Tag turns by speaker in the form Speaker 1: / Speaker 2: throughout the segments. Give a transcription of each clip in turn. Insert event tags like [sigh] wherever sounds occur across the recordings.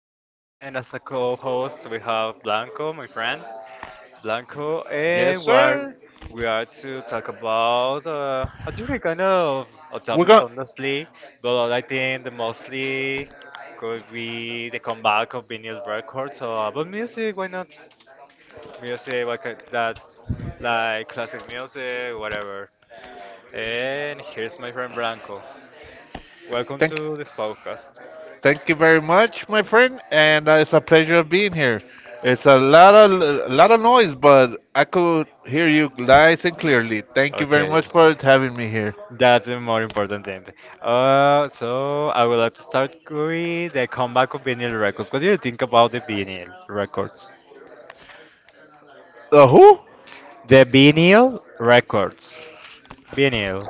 Speaker 1: again. And as a co-host, we have Blanco, my friend Blanco,
Speaker 2: Yes,
Speaker 1: and we are
Speaker 2: sir.
Speaker 1: we are to talk about how do you kind of
Speaker 2: We're
Speaker 1: topics
Speaker 2: going.
Speaker 1: honestly, but I think the mostly could be the comeback of vinyl records or about music. Why not music? Like classic music, whatever. And here's my friend Blanco. Welcome
Speaker 2: Thank,
Speaker 1: to this podcast.
Speaker 2: thank you very much, my friend, and it's a pleasure of being here. It's a lot of noise, but I could hear you nice and clearly. Thank you very
Speaker 1: Okay.
Speaker 2: much for having me here.
Speaker 1: That's a more important thing. So I would like to start with the comeback of vinyl records. What do you think about the vinyl records?
Speaker 2: The who?
Speaker 1: The vinyl records. Vinyl.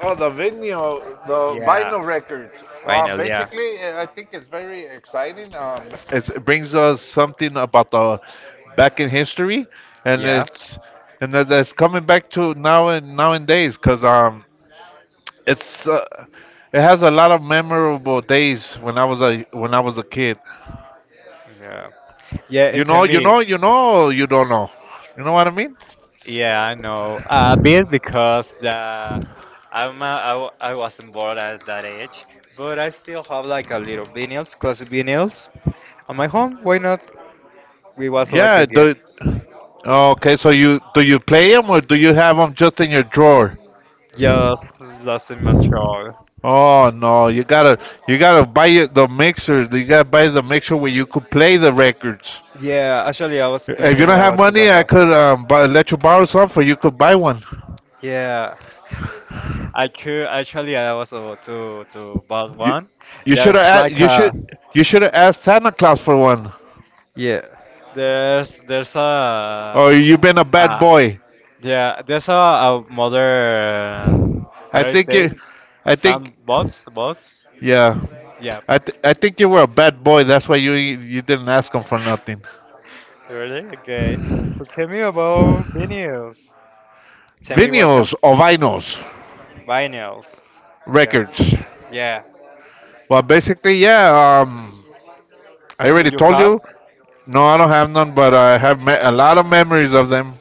Speaker 2: Oh, the
Speaker 1: Yeah.
Speaker 2: vinyl records. Well,
Speaker 1: Vinyl, yeah.
Speaker 2: basically, I think it's very exciting. It brings us something about the back in history, and
Speaker 1: Yeah.
Speaker 2: it's and that's coming back to now and nowadays because It's uh, it has a lot of memorable days when I was a kid.
Speaker 1: Yeah. Yeah, and tell me,
Speaker 2: You don't know. You know what I mean?
Speaker 1: yeah, I know a bit because I'm I wasn't born at that age, but I still have like a little vinyls, classic vinyls on my home. Why not? It was like a
Speaker 2: Yeah.
Speaker 1: gift.
Speaker 2: Okay. So you do you play them or do you have them just in your drawer?
Speaker 1: Yes, that's in immature.
Speaker 2: Oh no, you gotta the mixer. You gotta buy the mixer where you could play the records.
Speaker 1: Yeah, actually, I was
Speaker 2: If you
Speaker 1: planning it
Speaker 2: don't have
Speaker 1: about to
Speaker 2: money,
Speaker 1: that.
Speaker 2: I could bu let you borrow some, or you could buy one.
Speaker 1: Yeah, [laughs] I could actually. I was about to buy
Speaker 2: You
Speaker 1: one.
Speaker 2: you should
Speaker 1: There's
Speaker 2: have
Speaker 1: like
Speaker 2: you
Speaker 1: a
Speaker 2: should you should have asked Santa Claus for one.
Speaker 1: yeah. There's a
Speaker 2: Or you've been a bad
Speaker 1: ah
Speaker 2: boy.
Speaker 1: yeah. There's a modern how
Speaker 2: I
Speaker 1: do you
Speaker 2: think you,
Speaker 1: say
Speaker 2: I
Speaker 1: some
Speaker 2: think,
Speaker 1: bots.
Speaker 2: yeah,
Speaker 1: Yeah.
Speaker 2: I th- I think you were a bad boy. That's why you didn't ask him for nothing.
Speaker 1: Really? Okay. So tell me about vinyls. Tell me what kind
Speaker 2: Vinyls or vinyls
Speaker 1: vinyls. Yeah.
Speaker 2: records.
Speaker 1: Yeah.
Speaker 2: Well, basically, yeah. Um, I
Speaker 1: Do
Speaker 2: already
Speaker 1: you
Speaker 2: told
Speaker 1: have?
Speaker 2: you. No, I don't have none, but a lot of memories of them.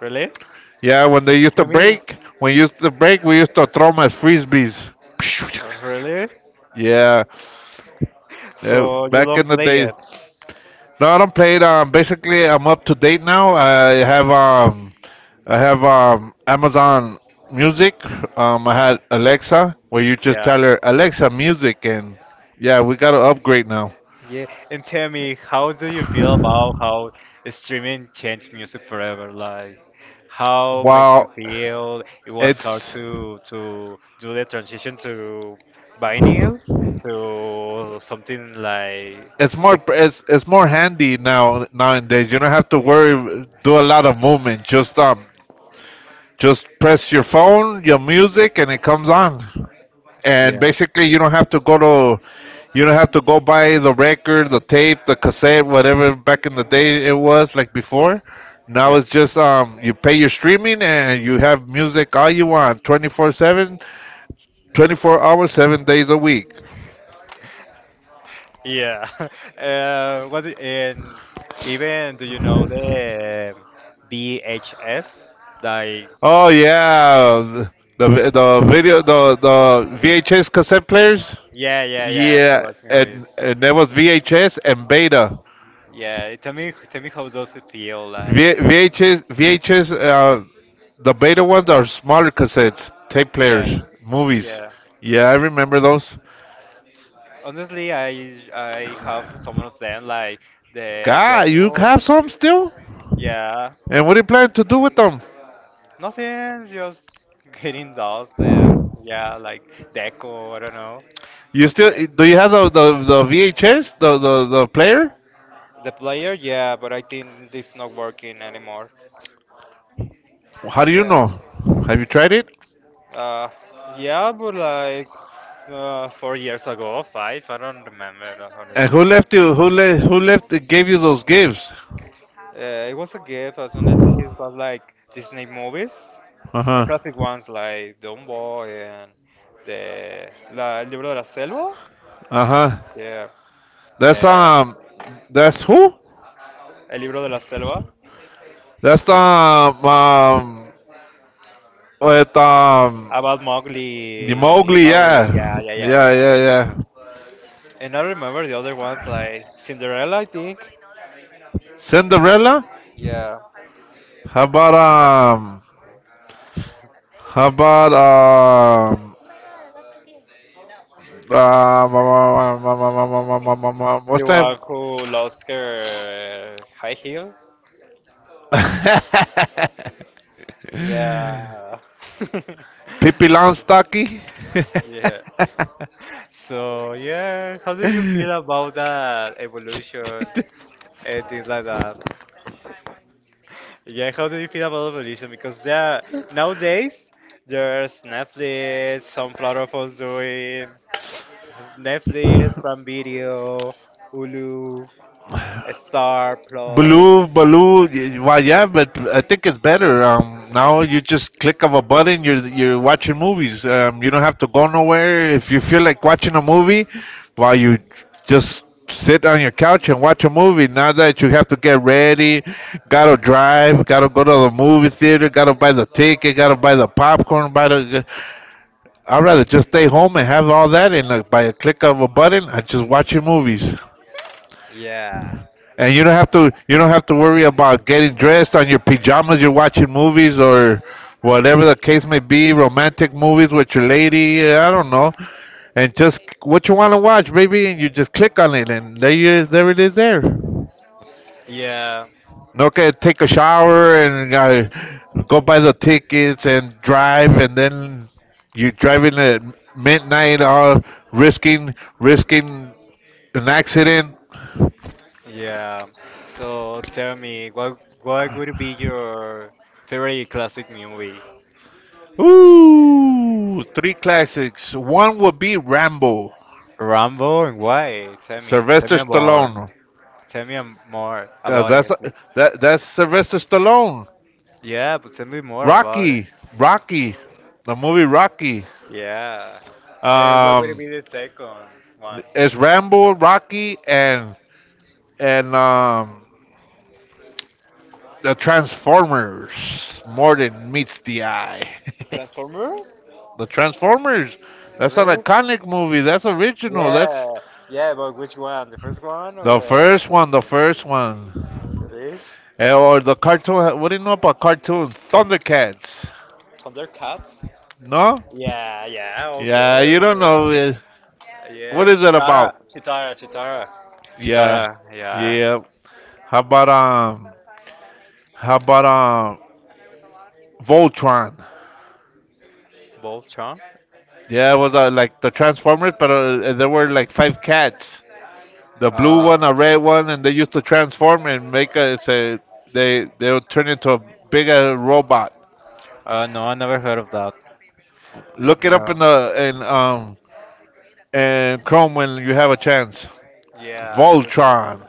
Speaker 1: Really?
Speaker 2: Yeah, when they used to
Speaker 1: Tell me,
Speaker 2: break, when you used to break, we used to throw them as frisbees. [laughs]
Speaker 1: really?
Speaker 2: Yeah,
Speaker 1: [laughs]
Speaker 2: yeah,
Speaker 1: So you
Speaker 2: back
Speaker 1: don't
Speaker 2: in the
Speaker 1: play
Speaker 2: days.
Speaker 1: it?
Speaker 2: No, I don't play it. Basically, I'm up to date now. I have Amazon Music. I
Speaker 1: Yeah.
Speaker 2: had Alexa, where you just
Speaker 1: Yeah.
Speaker 2: tell her Alexa Music, and yeah, we got to upgrade now.
Speaker 1: Yeah. And tell me, how do you feel about how streaming changed music forever? Like, how makes you
Speaker 2: Wow,
Speaker 1: feel? It was hard
Speaker 2: it's
Speaker 1: to do the transition to vinyl to something like
Speaker 2: it's
Speaker 1: the.
Speaker 2: more it's it's more handy now nowadays. You don't have to worry do a lot of movement. Just press your phone, your music, and it comes on. And
Speaker 1: Yeah.
Speaker 2: basically to you don't have to go buy the record, the tape, the cassette, whatever. Back in the day it was like before. Now
Speaker 1: Yeah.
Speaker 2: it's just you pay your streaming and you have music all you want, 24/7, 24 hours, 7 days a week.
Speaker 1: Yeah. [laughs] And even do you know the VHS? Like
Speaker 2: Oh yeah, the video the vhs cassette players.
Speaker 1: yeah, yeah, yeah, to
Speaker 2: Yeah,
Speaker 1: watch movies.
Speaker 2: and there was vhs and beta.
Speaker 1: Yeah, tell me how does it feel like
Speaker 2: VHS, the beta ones are smaller cassettes, tape
Speaker 1: yeah,
Speaker 2: players, movies.
Speaker 1: yeah.
Speaker 2: Yeah, I remember those.
Speaker 1: Honestly, I have some of them like the
Speaker 2: God, you
Speaker 1: jungle.
Speaker 2: have some still?
Speaker 1: Yeah,
Speaker 2: And what do you plan to do with them?
Speaker 1: nothing, just getting dust and yeah, like deco, I don't know.
Speaker 2: You
Speaker 1: But
Speaker 2: still
Speaker 1: yeah.
Speaker 2: do you have the VHS, the player?
Speaker 1: The player, yeah, but I think it's not working anymore.
Speaker 2: How do you
Speaker 1: Yeah.
Speaker 2: know? Have you tried it?
Speaker 1: Uh, yeah, but like 4 years ago, five, I don't remember,
Speaker 2: And
Speaker 1: honestly.
Speaker 2: who left you? Who left? Gave you those gifts?
Speaker 1: It was a gift, as honestly, it was like Disney movies,
Speaker 2: Uh huh.
Speaker 1: classic ones like Dumbo and El Libro de la Selva.
Speaker 2: Uh huh.
Speaker 1: Yeah.
Speaker 2: That's
Speaker 1: Uh,
Speaker 2: um. That's who?
Speaker 1: El Libro de la Selva.
Speaker 2: That's with um.
Speaker 1: About
Speaker 2: The
Speaker 1: Mowgli,
Speaker 2: Mowgli, yeah,
Speaker 1: Maui, yeah, yeah, yeah,
Speaker 2: yeah,
Speaker 1: yeah.
Speaker 2: yeah, yeah.
Speaker 1: And I remember the other ones like Cinderella, I think.
Speaker 2: Cinderella.
Speaker 1: Yeah,
Speaker 2: How about um? How about um? What's
Speaker 1: the
Speaker 2: that?
Speaker 1: one who lost her high heel.
Speaker 2: [laughs]
Speaker 1: Yeah. [laughs]
Speaker 2: Pippi Longstocking.
Speaker 1: Yeah.
Speaker 2: [laughs]
Speaker 1: So yeah, how do you feel about that evolution and things like that? Yeah, how do you feel about evolution? Because there are, nowadays there's Netflix, some platforms doing Netflix, Prime Video, Hulu, Star Plus.
Speaker 2: Baloo, Baloo. Well, yeah, but I think it's better. Now you just click of a button. You're watching movies. You don't have to go nowhere. If you feel like watching a movie, while you just sit on your couch and watch a movie. Not that you have to get ready, gotta drive, gotta go to the movie theater, gotta buy the ticket, gotta buy the popcorn. Buy the. I'd rather just stay home and have all that, and like, by a click of a button, I just watch your movies.
Speaker 1: Yeah,
Speaker 2: And you don't have to worry about getting dressed on your pajamas. You're watching movies or whatever the case may be, romantic movies with your lady. I don't know. And just what you want to watch, baby, and you just click on it, and there you there it is there.
Speaker 1: yeah.
Speaker 2: No, okay, take a shower and go buy the tickets and drive, and then you're driving at midnight, all risking an accident.
Speaker 1: Yeah. So tell me, what would be your favorite classic movie?
Speaker 2: Ooh, three classics. One would be Rambo,
Speaker 1: Rambo and why? Tell me. Tell
Speaker 2: Sylvester
Speaker 1: me more.
Speaker 2: Stallone,
Speaker 1: Tell me more
Speaker 2: 'cause
Speaker 1: about it, please.
Speaker 2: that's Sylvester Stallone.
Speaker 1: Yeah, but tell me more about it.
Speaker 2: Rocky, Rocky, the movie Rocky.
Speaker 1: Yeah. What would
Speaker 2: Um,
Speaker 1: be the second one?
Speaker 2: it's Rambo, Rocky, and and um, the Transformers. More than meets the eye.
Speaker 1: Transformers?
Speaker 2: [laughs] The Transformers. That's an
Speaker 1: Really?
Speaker 2: iconic movie. That's original.
Speaker 1: Yeah.
Speaker 2: That's
Speaker 1: Yeah, but which one? The first one
Speaker 2: the
Speaker 1: or
Speaker 2: first one. The first one.
Speaker 1: the
Speaker 2: Eh, or the cartoon. What do you know about cartoons? Thundercats.
Speaker 1: Thundercats?
Speaker 2: No?
Speaker 1: Yeah, yeah, of
Speaker 2: Yeah, you
Speaker 1: course.
Speaker 2: don't
Speaker 1: Yeah.
Speaker 2: know it.
Speaker 1: Yeah,
Speaker 2: What is it
Speaker 1: Chitara,
Speaker 2: about?
Speaker 1: Chitara, Chitara,
Speaker 2: Yeah,
Speaker 1: Chitara. Yeah,
Speaker 2: yeah. How about um? How about um? Voltron.
Speaker 1: Bob Chong.
Speaker 2: Yeah, it was like the Transformers, but there were like five cats. The blue
Speaker 1: Uh,
Speaker 2: one, a red one, and they used to transform and make a. It's a they would turn into a bigger robot.
Speaker 1: no, I never heard of that.
Speaker 2: Look it up
Speaker 1: Yeah.
Speaker 2: in the in Chrome when you have a chance.
Speaker 1: Yeah, a good one.
Speaker 2: Voltron.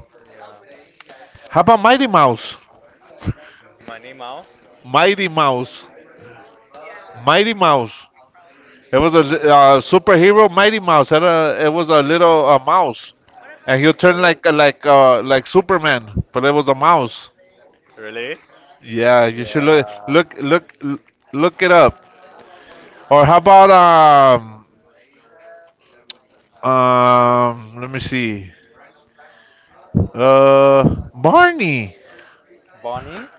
Speaker 1: Yeah.
Speaker 2: How about Mighty Mouse?
Speaker 1: Money Mouse.
Speaker 2: Mighty Mouse. Mighty Mouse. It was a superhero Mighty Mouse. Had a, it was a little mouse, and he'll turn
Speaker 1: Really?
Speaker 2: like like Superman, but it was a mouse.
Speaker 1: Really?
Speaker 2: Yeah, you should
Speaker 1: Yeah.
Speaker 2: look it up. Or how about um? Let me see. Uh, Barney.
Speaker 1: Bonnie.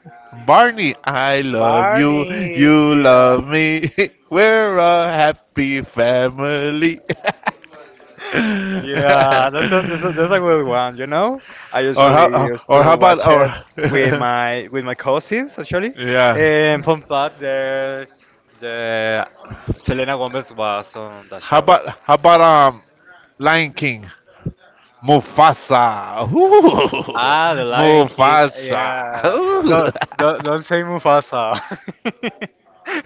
Speaker 2: Barney, I love you.
Speaker 1: Barney.
Speaker 2: You
Speaker 1: Yeah.
Speaker 2: love me. [laughs] We're a happy family. [laughs] [laughs] or
Speaker 1: Yeah, that's a good one. You know, I usually used
Speaker 2: or how
Speaker 1: to
Speaker 2: about
Speaker 1: watch
Speaker 2: or
Speaker 1: it with
Speaker 2: [laughs]
Speaker 1: my with my cousins actually.
Speaker 2: yeah,
Speaker 1: And fun fact, the Selena Gomez was on that
Speaker 2: how
Speaker 1: show.
Speaker 2: about Lion King, Mufasa. Ooh,
Speaker 1: Ah, the
Speaker 2: [laughs]
Speaker 1: Lion King.
Speaker 2: Mufasa.
Speaker 1: Yeah,
Speaker 2: Ooh.
Speaker 1: don't don't say Mufasa. [laughs]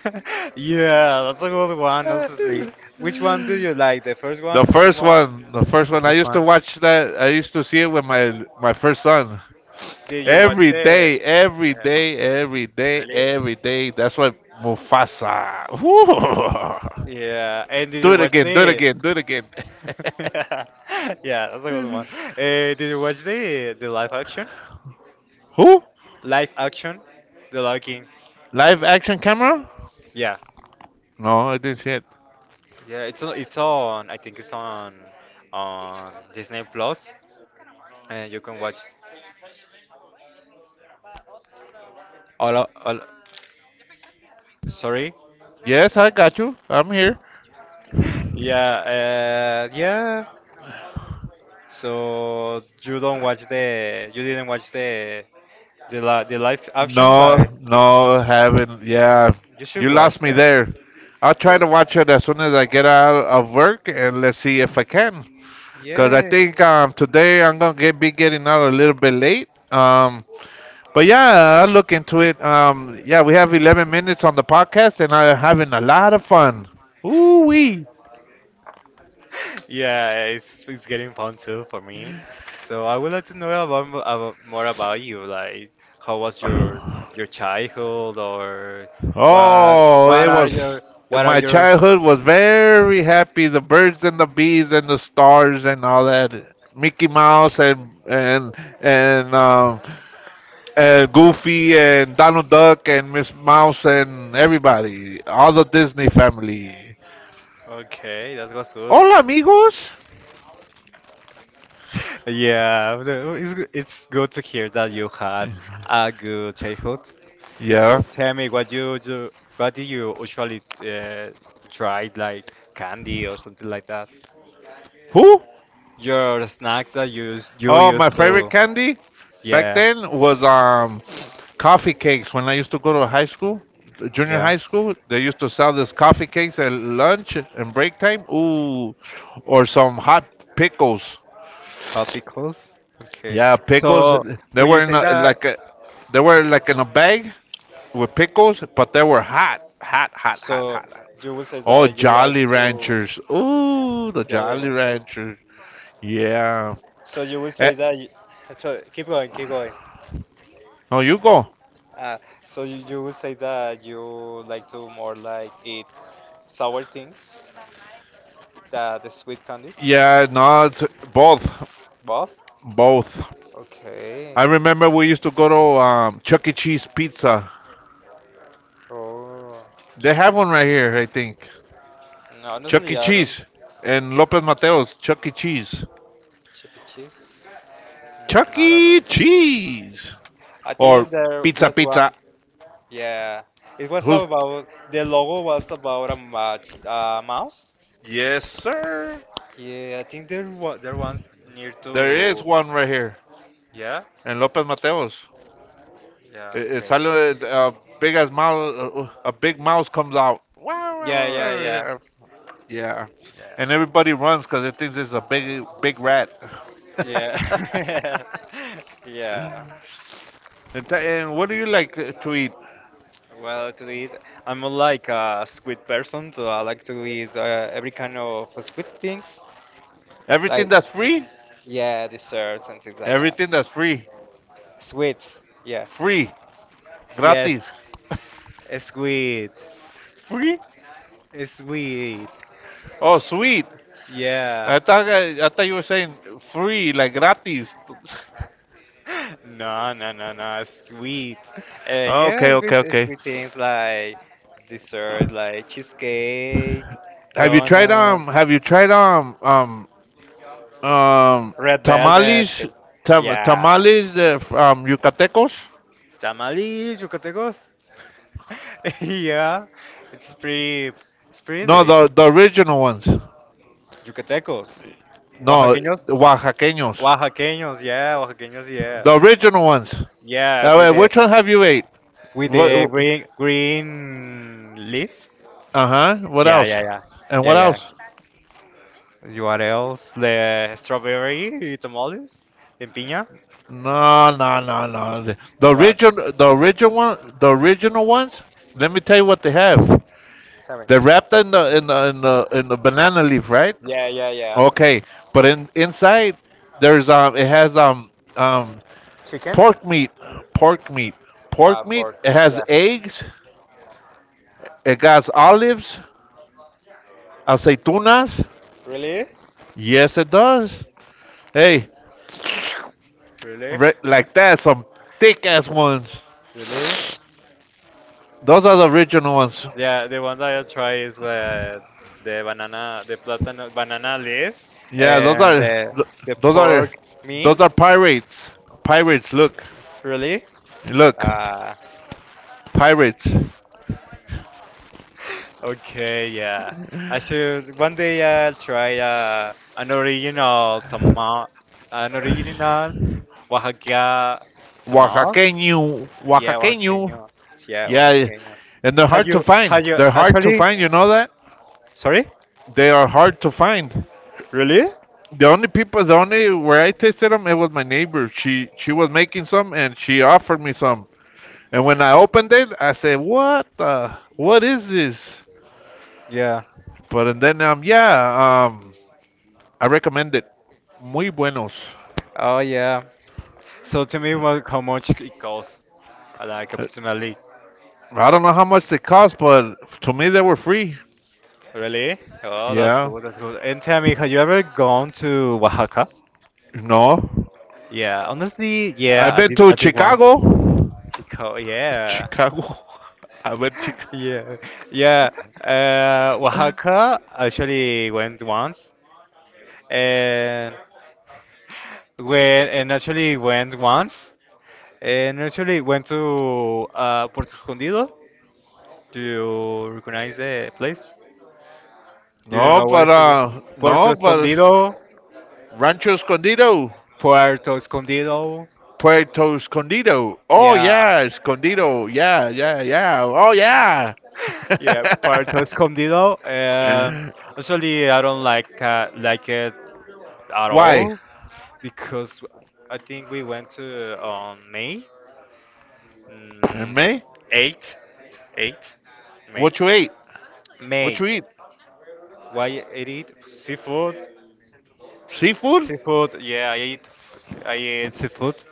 Speaker 1: Yeah, that's a good one. Honestly, which one do you like? The first
Speaker 2: [laughs]
Speaker 1: one,
Speaker 2: The
Speaker 1: the second
Speaker 2: first
Speaker 1: one,
Speaker 2: one, the first
Speaker 1: the
Speaker 2: one. I
Speaker 1: first
Speaker 2: used to
Speaker 1: one.
Speaker 2: watch that. I used to see it with my first son
Speaker 1: Did you watch
Speaker 2: every
Speaker 1: the?
Speaker 2: day,
Speaker 1: uh, Really?
Speaker 2: that's what. Mufasa. Ooh.
Speaker 1: Yeah, and
Speaker 2: [laughs]
Speaker 1: did
Speaker 2: Do
Speaker 1: you
Speaker 2: it
Speaker 1: watch
Speaker 2: again,
Speaker 1: the? [laughs] Yeah, that's a good one. Did you watch the live action?
Speaker 2: [laughs] who.
Speaker 1: Live action, The Lion King.
Speaker 2: Live action camera?
Speaker 1: Yeah,
Speaker 2: No, I didn't see it.
Speaker 1: yeah. It's on. It's on. I think it's on Disney Plus, and you can watch all sorry. [laughs]
Speaker 2: Yes, I got you. I'm here.
Speaker 1: Yeah. Yeah. So you don't watch the, you didn't watch the live action,
Speaker 2: No,
Speaker 1: but
Speaker 2: no, haven't. Yeah,
Speaker 1: you should
Speaker 2: you
Speaker 1: watch
Speaker 2: lost me
Speaker 1: that.
Speaker 2: there. I'll try
Speaker 1: Yeah.
Speaker 2: to watch it as soon as I get out of work and let's see if I can. Because I
Speaker 1: Yeah.
Speaker 2: think today I'm going to be getting out a little bit late. But yeah, I'll look into it. Yeah, we have 11 minutes on the podcast and I'm having a lot of fun. Ooh, wee.
Speaker 1: [laughs] Yeah, it's getting fun too for me. So I would like to know about, about more about you. Like, how was your childhood, or what
Speaker 2: Oh,
Speaker 1: what
Speaker 2: it
Speaker 1: are
Speaker 2: was
Speaker 1: your what are
Speaker 2: my
Speaker 1: your
Speaker 2: childhood was very happy. The birds and the bees and the stars and all that. Mickey Mouse and and Goofy and Donald Duck and Miss Mouse and everybody, all the Disney family.
Speaker 1: Okay, that was good.
Speaker 2: Hola, amigos.
Speaker 1: [laughs] Yeah, it's good to hear that you had a good childhood.
Speaker 2: Yeah.
Speaker 1: So tell me, what you do, what do you usually try, like candy or something like that?
Speaker 2: Who?
Speaker 1: Your snacks that you
Speaker 2: Oh,
Speaker 1: used
Speaker 2: my favorite
Speaker 1: to,
Speaker 2: candy back
Speaker 1: yeah,
Speaker 2: then was coffee cakes. When I used to go to high school, junior
Speaker 1: yeah,
Speaker 2: high school, they used to sell this coffee cakes at lunch and break time. Ooh, or some hot pickles.
Speaker 1: hot pickles. Okay.
Speaker 2: Yeah, pickles.
Speaker 1: So
Speaker 2: They
Speaker 1: will you
Speaker 2: were in
Speaker 1: say
Speaker 2: a,
Speaker 1: that?
Speaker 2: like a, they were like in a bag with pickles, but they were hot, hot, hot, hot,
Speaker 1: So
Speaker 2: hot, hot.
Speaker 1: you will say
Speaker 2: Oh,
Speaker 1: that you like
Speaker 2: Jolly
Speaker 1: to
Speaker 2: Ranchers. Ooh, the
Speaker 1: the other
Speaker 2: Jolly
Speaker 1: adventures.
Speaker 2: Ranchers. Yeah.
Speaker 1: So you will
Speaker 2: Eh,
Speaker 1: say that. You, so keep going, keep going.
Speaker 2: no, you go.
Speaker 1: Uh, so you would say that you like to more like eat sour things, the sweet candies,
Speaker 2: Yeah, no, it's both.
Speaker 1: both.
Speaker 2: Both.
Speaker 1: Okay.
Speaker 2: I remember we used to go to Chuck E. Cheese Pizza.
Speaker 1: Oh.
Speaker 2: They have one right here, I think.
Speaker 1: No,
Speaker 2: Chuck
Speaker 1: honestly,
Speaker 2: E.
Speaker 1: I don't
Speaker 2: Cheese and Lopez Mateos. Chuck E. Cheese.
Speaker 1: chip and cheese. Mm,
Speaker 2: Chuck
Speaker 1: I don't
Speaker 2: E.
Speaker 1: know.
Speaker 2: Cheese
Speaker 1: I
Speaker 2: or
Speaker 1: think there
Speaker 2: Pizza
Speaker 1: there's
Speaker 2: Pizza.
Speaker 1: one. Yeah. It was
Speaker 2: Who's?
Speaker 1: about the logo was about a match, mouse.
Speaker 2: Yes, sir.
Speaker 1: Yeah, I think there was there one's near
Speaker 2: There is
Speaker 1: to.
Speaker 2: one right here
Speaker 1: Yeah.
Speaker 2: in Lopez Mateos.
Speaker 1: Yeah. Okay.
Speaker 2: It's a little, big as mouse. A big mouse comes out. Wow, wow,
Speaker 1: Yeah,
Speaker 2: wow,
Speaker 1: yeah,
Speaker 2: wow,
Speaker 1: yeah.
Speaker 2: wow, wow. Yeah, and everybody runs because it thinks it's a big, big rat.
Speaker 1: Yeah. Yeah.
Speaker 2: [laughs]
Speaker 1: [laughs] Yeah.
Speaker 2: And what do you like to eat?
Speaker 1: Well, to eat, I'm more like a squid person, so I like to eat every kind of squid things,
Speaker 2: Everything
Speaker 1: like
Speaker 2: that's free?
Speaker 1: yeah, desserts and things like that.
Speaker 2: Everything that's free.
Speaker 1: Sweet, yeah,
Speaker 2: Free.
Speaker 1: yes,
Speaker 2: Gratis.
Speaker 1: a sweet,
Speaker 2: Free?
Speaker 1: a sweet,
Speaker 2: Oh, sweet.
Speaker 1: yeah.
Speaker 2: I thought you were saying free, like gratis.
Speaker 1: [laughs] No, no, no, no, sweet.
Speaker 2: [laughs]
Speaker 1: Yeah,
Speaker 2: okay,
Speaker 1: sweet,
Speaker 2: okay, okay.
Speaker 1: sweet things like dessert, like cheesecake,
Speaker 2: Have you tried um?
Speaker 1: donuts.
Speaker 2: Have you tried um
Speaker 1: Red Velvet.
Speaker 2: tamales?
Speaker 1: Okay. Yeah.
Speaker 2: Tamales the Yucatecos?
Speaker 1: Tamales, Yucatecos. [laughs] yeah. It's pretty, it's pretty
Speaker 2: No,
Speaker 1: delicious.
Speaker 2: the original ones.
Speaker 1: Yucatecos.
Speaker 2: No, the
Speaker 1: Oaxaqueños.
Speaker 2: Oaxaqueños.
Speaker 1: Oaxaqueños, yeah, Oaxaqueños, yeah.
Speaker 2: The original ones.
Speaker 1: Yeah, with
Speaker 2: Wait,
Speaker 1: the
Speaker 2: which one have you ate?
Speaker 1: with the
Speaker 2: What?
Speaker 1: green leaf.
Speaker 2: Uh huh. What
Speaker 1: Yeah,
Speaker 2: else?
Speaker 1: yeah, yeah.
Speaker 2: And
Speaker 1: Yeah,
Speaker 2: what
Speaker 1: yeah.
Speaker 2: else?
Speaker 1: You What else? The strawberry tamales in piña?
Speaker 2: No, no, no, no. The
Speaker 1: What?
Speaker 2: original, the original ones. Let me tell you what they have.
Speaker 1: Seven.
Speaker 2: They're wrapped in the banana leaf, right?
Speaker 1: Yeah, yeah, yeah.
Speaker 2: Okay, but in inside there's it has um
Speaker 1: Chicken?
Speaker 2: pork meat, pork meat, pork meat.
Speaker 1: Pork.
Speaker 2: It has
Speaker 1: Yeah.
Speaker 2: eggs. It got olives, aceitunas.
Speaker 1: Really?
Speaker 2: Yes, it does. Hey,
Speaker 1: Really?
Speaker 2: like that, some thick ass ones.
Speaker 1: Really?
Speaker 2: Those are the original ones.
Speaker 1: Yeah, the one that I try is with the banana, the platano, banana leaf,
Speaker 2: Yeah,
Speaker 1: and the
Speaker 2: those are
Speaker 1: pork meat.
Speaker 2: those are pirates. Pirates, look,
Speaker 1: Really?
Speaker 2: look,
Speaker 1: Uh,
Speaker 2: pirates.
Speaker 1: okay, yeah. I should one day I'll try an original tamal, an original Oaxaca tamal.
Speaker 2: Oaxaqueño,
Speaker 1: Yeah,
Speaker 2: Oaxaqueño.
Speaker 1: oaxaqueño. Yeah,
Speaker 2: Yeah,
Speaker 1: oaxaqueño.
Speaker 2: and they're
Speaker 1: How
Speaker 2: hard
Speaker 1: you?
Speaker 2: to
Speaker 1: How
Speaker 2: find.
Speaker 1: you?
Speaker 2: They're hard to
Speaker 1: Actually,
Speaker 2: find. You know that?
Speaker 1: sorry.
Speaker 2: They are hard to find.
Speaker 1: Really?
Speaker 2: The only people, the only where I tasted them, it was my neighbor. She was making some, and she offered me some. And when I opened it, I said, "What the? What is this?"
Speaker 1: Yeah.
Speaker 2: But and then yeah I recommend it. Muy buenos.
Speaker 1: Oh yeah. So tell me what, how much it costs, like approximately.
Speaker 2: I don't know how much they cost, but to me they were free.
Speaker 1: Really? Oh, that's
Speaker 2: Yeah.
Speaker 1: good. That's good. And tell me, have you ever gone to Oaxaca?
Speaker 2: No.
Speaker 1: Yeah. Honestly, yeah,
Speaker 2: I've
Speaker 1: I
Speaker 2: been
Speaker 1: did.
Speaker 2: to
Speaker 1: I did once.
Speaker 2: Chicago.
Speaker 1: Chico, yeah. [laughs]
Speaker 2: Chicago. [laughs] I went Chicago.
Speaker 1: Yeah, yeah. Oaxaca actually went once, and when and actually went once, and actually went to Puerto Escondido. Do you recognize the place? Do you
Speaker 2: No,
Speaker 1: know what
Speaker 2: but
Speaker 1: is it? Puerto
Speaker 2: no, but
Speaker 1: Escondido.
Speaker 2: Rancho Escondido,
Speaker 1: Puerto Escondido.
Speaker 2: Puerto Escondido. Oh
Speaker 1: Yeah.
Speaker 2: yeah, Escondido. Yeah, yeah, yeah. Oh yeah.
Speaker 1: [laughs] Yeah, Puerto Escondido.
Speaker 2: [laughs]
Speaker 1: Actually, I don't like it at
Speaker 2: Why?
Speaker 1: all because I think we went to on May
Speaker 2: In
Speaker 1: mm,
Speaker 2: May?
Speaker 1: 8, 8, May,
Speaker 2: What you ate? What
Speaker 1: May.
Speaker 2: you eat?
Speaker 1: Why I ate seafood?
Speaker 2: Seafood?
Speaker 1: Seafood, yeah, I eat seafood,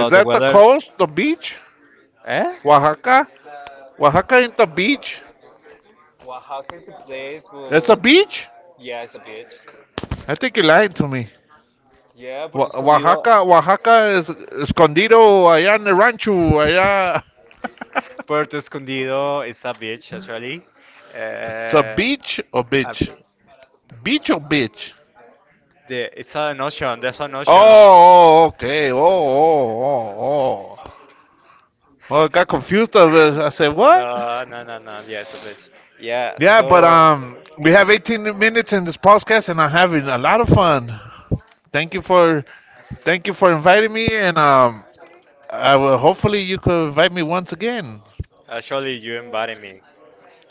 Speaker 2: Is
Speaker 1: the
Speaker 2: that the
Speaker 1: weather,
Speaker 2: coast? The beach?
Speaker 1: eh?
Speaker 2: Oaxaca? Oaxaca ain't the beach.
Speaker 1: Oaxaca is the place,
Speaker 2: It's a
Speaker 1: but
Speaker 2: beach?
Speaker 1: yeah, it's a beach.
Speaker 2: I think you lied to me.
Speaker 1: Yeah, Puerto Escondido.
Speaker 2: Oaxaca, Oaxaca is escondido allá en el rancho, allá.
Speaker 1: Puerto Escondido is a beach actually.
Speaker 2: [laughs] It's a
Speaker 1: Uh,
Speaker 2: beach or
Speaker 1: a
Speaker 2: bitch?
Speaker 1: bi-
Speaker 2: Beach or bitch?
Speaker 1: it's an ocean. There's an
Speaker 2: Oh,
Speaker 1: ocean.
Speaker 2: oh, okay. Oh, oh, oh, oh. Well, I got confused. I
Speaker 1: [laughs]
Speaker 2: said, what?
Speaker 1: No, no, no, no. Yeah, it's a beach. Yeah.
Speaker 2: Yeah, but
Speaker 1: So
Speaker 2: we have 18 minutes in this podcast, and I'm having a lot of fun. Thank you for, thank you for inviting me, and I will hopefully you could invite me once again.
Speaker 1: actually, you embody me.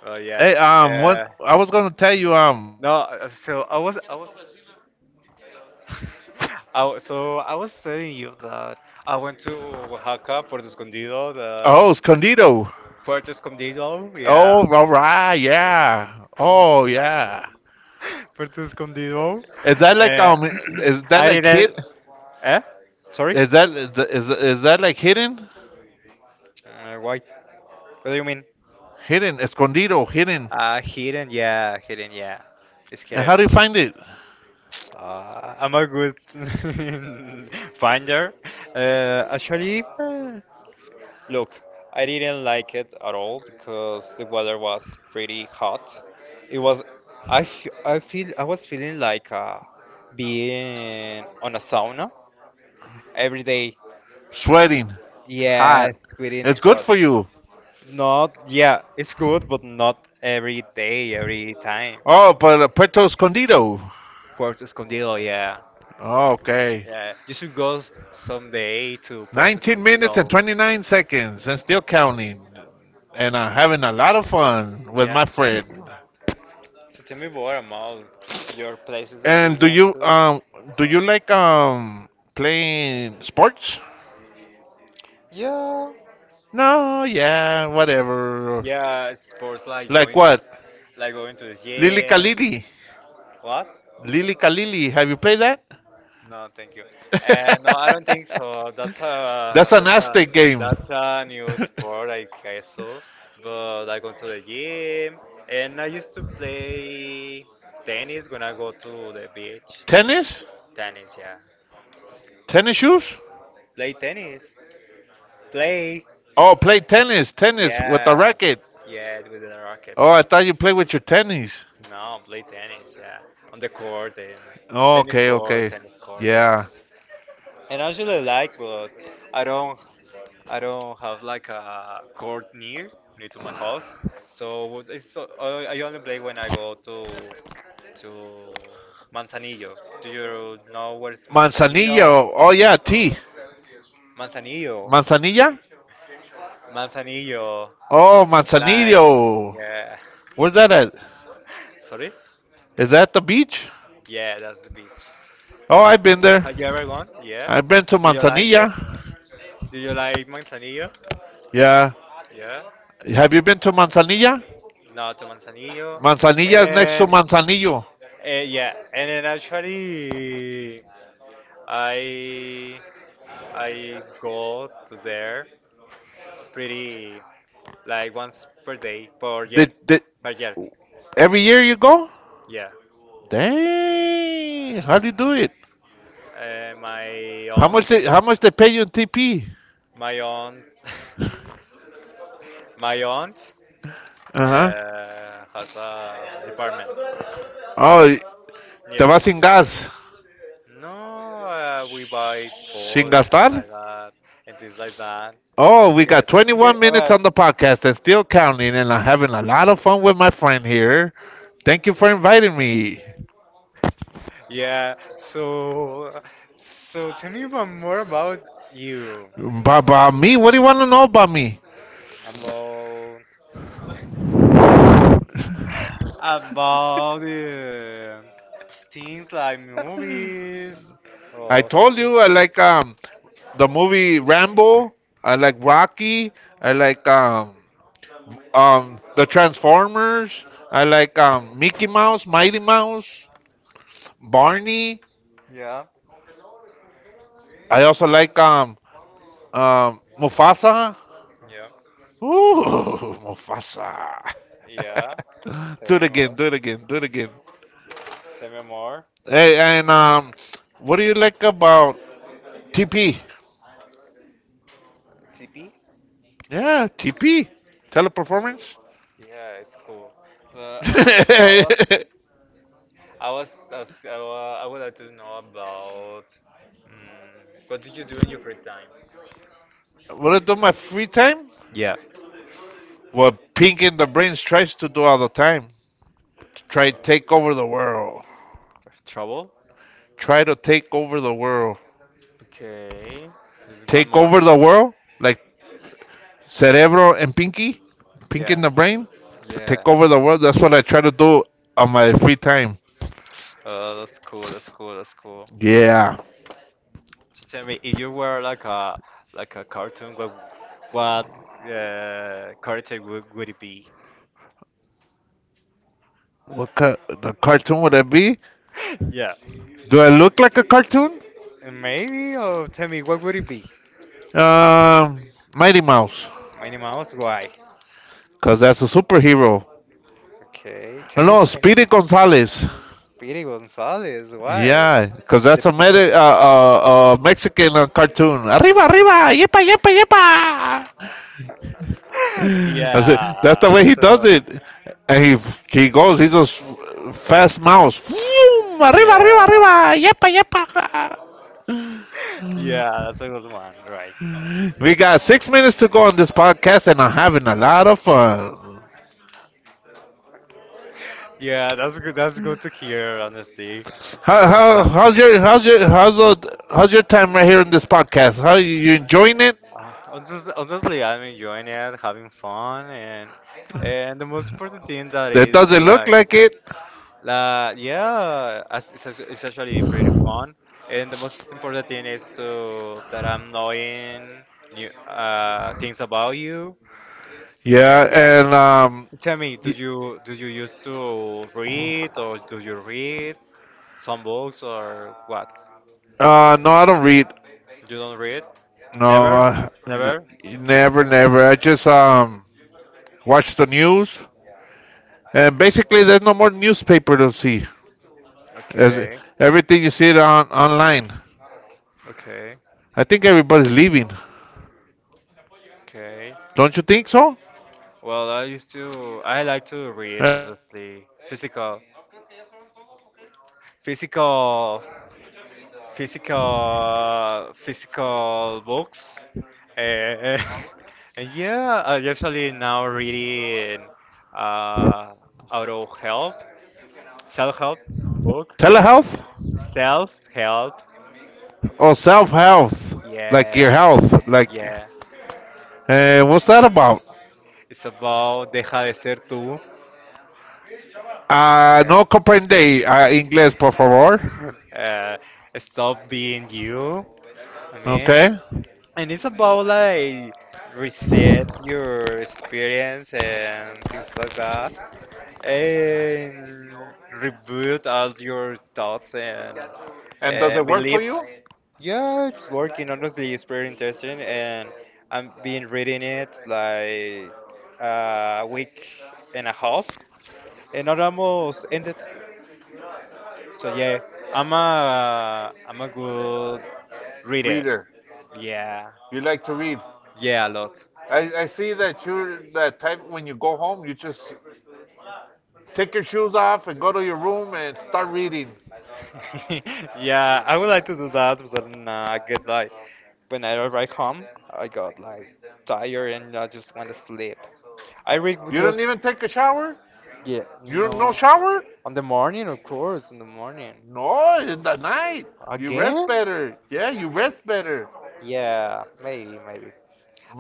Speaker 1: Well, yeah.
Speaker 2: Hey,
Speaker 1: Uh,
Speaker 2: what I was
Speaker 1: I
Speaker 2: gonna tell
Speaker 1: mean-
Speaker 2: you, um,
Speaker 1: no. So I was. Oh, so I was telling you that I went to Oaxaca, Puerto Escondido, the
Speaker 2: Oh, escondido.
Speaker 1: Puerto Escondido, yeah,
Speaker 2: Oh, all right, yeah. Oh, yeah.
Speaker 1: [laughs] Puerto Escondido.
Speaker 2: Is that like
Speaker 1: Uh,
Speaker 2: um, is
Speaker 1: [clears throat]
Speaker 2: that
Speaker 1: I
Speaker 2: like hid?
Speaker 1: didn't. Eh? Sorry?
Speaker 2: Is that like hidden?
Speaker 1: Why? What do you mean?
Speaker 2: Hidden, escondido, hidden.
Speaker 1: Hidden, yeah, hidden, yeah. It's
Speaker 2: And
Speaker 1: hidden.
Speaker 2: how do you find it? [sighs]
Speaker 1: I'm a good [laughs] finder. Actually,
Speaker 2: Eh,
Speaker 1: look, I didn't like it at all because the weather was pretty hot. It was, I was feeling like being on a sauna every day.
Speaker 2: sweating, hot.
Speaker 1: Yes, within the
Speaker 2: It's good
Speaker 1: hot.
Speaker 2: for you.
Speaker 1: Not, yeah, it's good, but not every day, every time.
Speaker 2: Oh, but Puerto Escondido.
Speaker 1: Puerto Escondido, yeah.
Speaker 2: Oh, okay.
Speaker 1: Yeah, you should go someday to Puerto
Speaker 2: 19 minutes and
Speaker 1: Escondido.
Speaker 2: 29 seconds and still counting. And I'm having a lot of fun with
Speaker 1: Yeah.
Speaker 2: my friend.
Speaker 1: [coughs] [clears throat] So tell me more about your places that you
Speaker 2: And
Speaker 1: went to.
Speaker 2: do you like playing sports?
Speaker 1: Yeah.
Speaker 2: No, yeah, whatever.
Speaker 1: Yeah, sports
Speaker 2: Like what?
Speaker 1: like going to the
Speaker 2: Lily
Speaker 1: gym.
Speaker 2: Kalili.
Speaker 1: What?
Speaker 2: Lily Kalili. Have you played that?
Speaker 1: No, thank you. No, I don't think so. That's
Speaker 2: [laughs]
Speaker 1: a
Speaker 2: That's an
Speaker 1: that's a
Speaker 2: Aztec game.
Speaker 1: that's a new
Speaker 2: [laughs]
Speaker 1: sport I saw. But I go to the gym, and I used to play tennis when I go to the beach.
Speaker 2: Tennis?
Speaker 1: Tennis, yeah.
Speaker 2: Tennis shoes?
Speaker 1: Play tennis. Play.
Speaker 2: Oh, play tennis, tennis with the
Speaker 1: Yeah,
Speaker 2: racket.
Speaker 1: yeah, with the
Speaker 2: Oh,
Speaker 1: rackets.
Speaker 2: I thought you play with your tennis.
Speaker 1: No, play tennis. Yeah, on the court and tennis
Speaker 2: Okay,
Speaker 1: court,
Speaker 2: okay.
Speaker 1: tennis court. Yeah.
Speaker 2: Yeah.
Speaker 1: And I actually like, but I don't I don't have like a court near to my house, so I only play when I go to Manzanillo. Do you know where's Manzanillo?
Speaker 2: Manzanillo. Oh yeah, tea.
Speaker 1: Manzanillo,
Speaker 2: Manzanilla?
Speaker 1: Manzanillo,
Speaker 2: Oh,
Speaker 1: like
Speaker 2: Manzanillo.
Speaker 1: yeah.
Speaker 2: Where's that at?
Speaker 1: [laughs] Sorry?
Speaker 2: Is that the beach?
Speaker 1: Yeah, that's the beach.
Speaker 2: Oh, I've been there.
Speaker 1: Have you ever gone? Yeah.
Speaker 2: I've been to
Speaker 1: Do you like it?
Speaker 2: Manzanilla.
Speaker 1: Do you like Manzanillo?
Speaker 2: Yeah.
Speaker 1: Yeah.
Speaker 2: Have you been to Manzanilla?
Speaker 1: No, to Manzanillo.
Speaker 2: Manzanilla is next to
Speaker 1: And
Speaker 2: Manzanillo.
Speaker 1: Yeah, and then actually, I I go to there pretty like once per day per year
Speaker 2: Did
Speaker 1: per year.
Speaker 2: every year you go?
Speaker 1: Yeah,
Speaker 2: Dang. How do you do it?
Speaker 1: uh, my
Speaker 2: How
Speaker 1: aunt,
Speaker 2: much they, how much they pay you in TP?
Speaker 1: my aunt, [laughs] my aunt
Speaker 2: Uh-huh.
Speaker 1: has a department
Speaker 2: Oh,
Speaker 1: near
Speaker 2: te
Speaker 1: to
Speaker 2: vas
Speaker 1: my
Speaker 2: sin
Speaker 1: home.
Speaker 2: gas.
Speaker 1: No, we buy
Speaker 2: Sin
Speaker 1: food and things
Speaker 2: gastar?
Speaker 1: like that and things like that.
Speaker 2: Oh, we
Speaker 1: Yeah,
Speaker 2: got
Speaker 1: today,
Speaker 2: 21 minutes
Speaker 1: well,
Speaker 2: on the podcast and still counting, and I'm having a lot of fun with my friend here. Thank you for inviting me.
Speaker 1: Yeah. So tell me about more about you,
Speaker 2: About me? What do you want to know about me?
Speaker 1: about about things like movies
Speaker 2: I
Speaker 1: or
Speaker 2: told
Speaker 1: something.
Speaker 2: you I like the movie Rambo. I like Rocky. I like the Transformers. I like Mickey Mouse, Mighty Mouse, Barney.
Speaker 1: Yeah.
Speaker 2: I also like Mufasa.
Speaker 1: Yeah.
Speaker 2: Ooh, [laughs] Mufasa.
Speaker 1: Yeah.
Speaker 2: [laughs]
Speaker 1: Tell
Speaker 2: Do it
Speaker 1: me
Speaker 2: again.
Speaker 1: more.
Speaker 2: Do it again. Do it again.
Speaker 1: Tell me more.
Speaker 2: Hey, and what do you like about TP?
Speaker 1: TP?
Speaker 2: Yeah, TP, teleperformance.
Speaker 1: Yeah, it's cool.
Speaker 2: [laughs]
Speaker 1: Well, I was, I was,
Speaker 2: What
Speaker 1: I was, ask- I wa- I would like to know about, mm what do you do in your free time?
Speaker 2: I do my free time?
Speaker 1: Yeah.
Speaker 2: What Pink in the Brains tries to do all the time. To try to take over the world.
Speaker 1: Trouble?
Speaker 2: Try to take over the world.
Speaker 1: Okay. There's one
Speaker 2: Take
Speaker 1: more.
Speaker 2: over the world? Like Cerebro and Pinky? Pink
Speaker 1: Yeah.
Speaker 2: in the Brain? To
Speaker 1: Yeah.
Speaker 2: take over the world? That's what I try to do on my free time.
Speaker 1: That's cool. That's cool. That's cool.
Speaker 2: Yeah.
Speaker 1: So tell me, if you were like a cartoon, what character would it be?
Speaker 2: The cartoon would it be?
Speaker 1: [laughs] Yeah.
Speaker 2: Do I look like a cartoon?
Speaker 1: Maybe, or tell me, what would it be?
Speaker 2: Um, Mighty Mouse.
Speaker 1: Minnie Mouse, why?
Speaker 2: Because that's a superhero.
Speaker 1: Okay,
Speaker 2: Oh,
Speaker 1: tell me,
Speaker 2: no,
Speaker 1: tell me.
Speaker 2: Speedy Gonzalez.
Speaker 1: Speedy Gonzalez, why?
Speaker 2: Yeah, because that's a
Speaker 1: Because
Speaker 2: Mexican cartoon. Arriba, arriba, yepa, yepa, yepa.
Speaker 1: [laughs]
Speaker 2: That's it. That's the
Speaker 1: yeah,
Speaker 2: way
Speaker 1: that's
Speaker 2: he does
Speaker 1: the
Speaker 2: it. And he goes fast mouse. Vroom, Arriba, arriba,
Speaker 1: yeah.
Speaker 2: arriba, yepa, yepa.
Speaker 1: Yeah, that's a good one, right?
Speaker 2: We got 6 minutes to go on this podcast, and I'm having a lot of fun.
Speaker 1: Yeah, that's good. That's good to hear, honestly.
Speaker 2: How how's
Speaker 1: Blanco.
Speaker 2: your how's your how's the, how's your time right here in this podcast? How you enjoying it?
Speaker 1: Honestly, I'm enjoying it, having fun, and the most important thing that
Speaker 2: That
Speaker 1: is
Speaker 2: doesn't look
Speaker 1: like,
Speaker 2: like it.
Speaker 1: la yeah, it's, it's actually pretty fun. And the most important thing is to that I'm knowing new things about you,
Speaker 2: Yeah,
Speaker 1: and yeah.
Speaker 2: and
Speaker 1: Tell me, do you used to read or do you read some books or what?
Speaker 2: No, I don't read.
Speaker 1: You don't read?
Speaker 2: No,
Speaker 1: Never?
Speaker 2: uh, n-
Speaker 1: Never?
Speaker 2: Never, never. I just watch the news, and basically there's no more newspaper to see. As-
Speaker 1: Okay.
Speaker 2: Everything you see it on online.
Speaker 1: Okay.
Speaker 2: I think everybody's leaving.
Speaker 1: Okay.
Speaker 2: Don't you think so?
Speaker 1: Well, I like to read honestly. Physical. Physical physical books. Eh, [laughs] and yeah, I usually now reading uh auto help. Self help book.
Speaker 2: Telehealth
Speaker 1: Self help.
Speaker 2: or self health, like
Speaker 1: Yeah,
Speaker 2: your health, like.
Speaker 1: yeah.
Speaker 2: What's that about?
Speaker 1: It's about deja de ser tú. Yeah.
Speaker 2: No comprende inglés, por favor.
Speaker 1: [laughs] Uh, stop being you. I mean,
Speaker 2: Okay.
Speaker 1: and it's about like reset your experience and things like that. And reboot all your thoughts and
Speaker 2: And does
Speaker 1: and
Speaker 2: it work for you,
Speaker 1: beliefs. Yeah, it's working. Honestly, it's pretty interesting, and I've been reading it like a week and a half, and it almost ended. So yeah, I'm a good reader.
Speaker 2: reader?
Speaker 1: Yeah,
Speaker 2: You like to read?
Speaker 1: yeah, a lot.
Speaker 2: I see that you're that type when you go home, you just take your shoes off and go to your room and start reading.
Speaker 1: [laughs] Yeah, I would like to do that, but then I get like when I arrive home, I got like tired and I just want to sleep. I read would
Speaker 2: You don't
Speaker 1: just
Speaker 2: even take a shower?
Speaker 1: yeah,
Speaker 2: You don't no
Speaker 1: no,
Speaker 2: shower?
Speaker 1: on the morning, of course, in the morning
Speaker 2: No, in the night. You rest
Speaker 1: again.
Speaker 2: better. Yeah, you rest better.
Speaker 1: Yeah, maybe, maybe.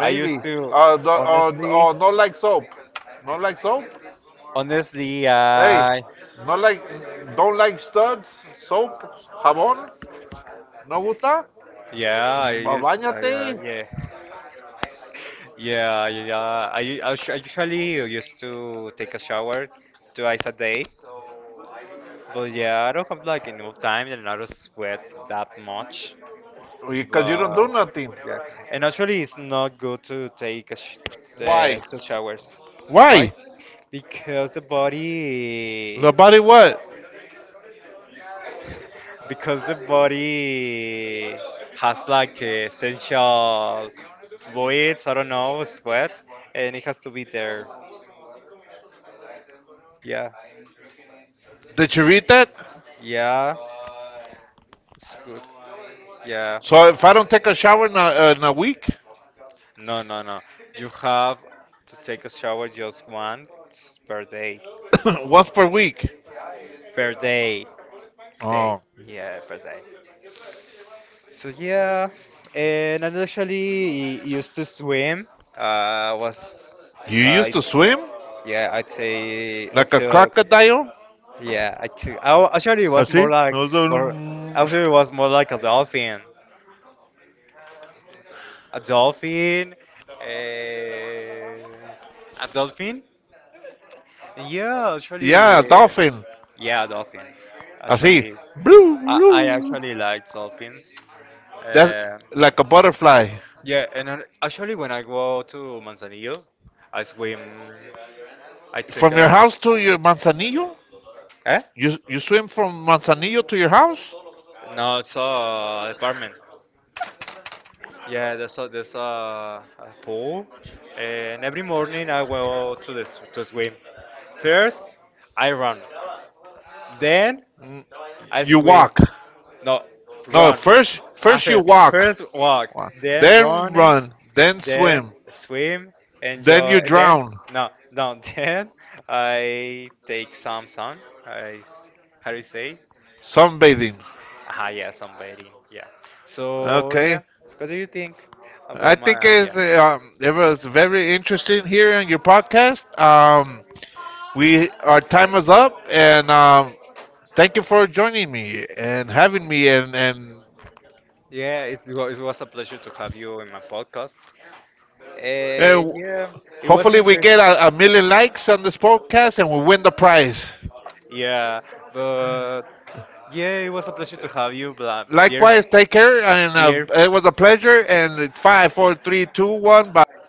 Speaker 1: I used to
Speaker 2: The
Speaker 1: honestly
Speaker 2: No like soap. No like soap?
Speaker 1: honestly
Speaker 2: Hey,
Speaker 1: I
Speaker 2: no like, don't like studs, soap, jabón. No gusta?
Speaker 1: yeah I used I
Speaker 2: Bañate.
Speaker 1: yeah. Yeah, yeah, yeah. I usually used to take a shower twice a day, but yeah, I don't have like enough time and I don't sweat that much.
Speaker 2: Because you don't do
Speaker 1: But
Speaker 2: nothing.
Speaker 1: yeah, and actually, it's not good to take a sh
Speaker 2: Why?
Speaker 1: two showers. Why?
Speaker 2: Why?
Speaker 1: Because the body,
Speaker 2: Nobody what?
Speaker 1: because the body has like essential fluids. I don't know, sweat, and it has to be there. Yeah,
Speaker 2: Did you read that?
Speaker 1: yeah, it's good. Yeah.
Speaker 2: So if I don't take a shower in a week,
Speaker 1: No, no, no. You have to take a shower just once per day.
Speaker 2: [coughs] once per week.
Speaker 1: Per day. Day.
Speaker 2: Oh,
Speaker 1: Yeah, per day. So yeah, and I actually used to swim. Was
Speaker 2: you
Speaker 1: I?
Speaker 2: used to swim
Speaker 1: Yeah, I'd say I
Speaker 2: like a
Speaker 1: took.
Speaker 2: crocodile?
Speaker 1: Yeah, I took. Actually it was
Speaker 2: Así.
Speaker 1: more like
Speaker 2: No,
Speaker 1: more. Actually, it was more like a dolphin. A dolphin. eh, A dolphin. Yeah, actually, uh,
Speaker 2: yeah, a dolphin.
Speaker 1: yeah, dolphin.
Speaker 2: Así.
Speaker 1: Actually,
Speaker 2: Blue,
Speaker 1: I, I
Speaker 2: blue.
Speaker 1: actually like dolphins.
Speaker 2: That's
Speaker 1: Uh,
Speaker 2: like a butterfly.
Speaker 1: yeah, and I, actually, when I go to Manzanillo, I swim. I take
Speaker 2: From your
Speaker 1: a
Speaker 2: house to your Manzanillo?
Speaker 1: eh?
Speaker 2: You swim from Manzanillo to your house?
Speaker 1: No, it's a apartment. Yeah, a pool, and every morning I go to the to swim. First, I run, then
Speaker 2: Mm,
Speaker 1: I
Speaker 2: you
Speaker 1: swim.
Speaker 2: walk.
Speaker 1: No,
Speaker 2: No,
Speaker 1: run.
Speaker 2: first
Speaker 1: At
Speaker 2: first you
Speaker 1: first,
Speaker 2: walk.
Speaker 1: first walk,
Speaker 2: Wa-
Speaker 1: then
Speaker 2: Then
Speaker 1: running,
Speaker 2: run, then
Speaker 1: then
Speaker 2: swim,
Speaker 1: swim, and
Speaker 2: then
Speaker 1: jo-
Speaker 2: you
Speaker 1: and then
Speaker 2: drown.
Speaker 1: no, no. [laughs] Then I take some sun. I s- how do you say?
Speaker 2: Sunbathing.
Speaker 1: Ah, yeah, sunbathing. Yeah. So yeah,
Speaker 2: Okay.
Speaker 1: what do you think
Speaker 2: I
Speaker 1: about
Speaker 2: think
Speaker 1: my yeah?
Speaker 2: it's, it was very interesting here on your podcast. We our time is up, and thank you for joining me and having me,
Speaker 1: Yeah, it was a pleasure to have you in my podcast.
Speaker 2: and
Speaker 1: Yeah, it was
Speaker 2: hopefully we get
Speaker 1: interesting.
Speaker 2: a million likes on this podcast and we win the prize.
Speaker 1: Yeah, but yeah, it was a pleasure to have you, dear
Speaker 2: Likewise, take care, and
Speaker 1: their
Speaker 2: it was a pleasure. And five, four, three, two, one, bye.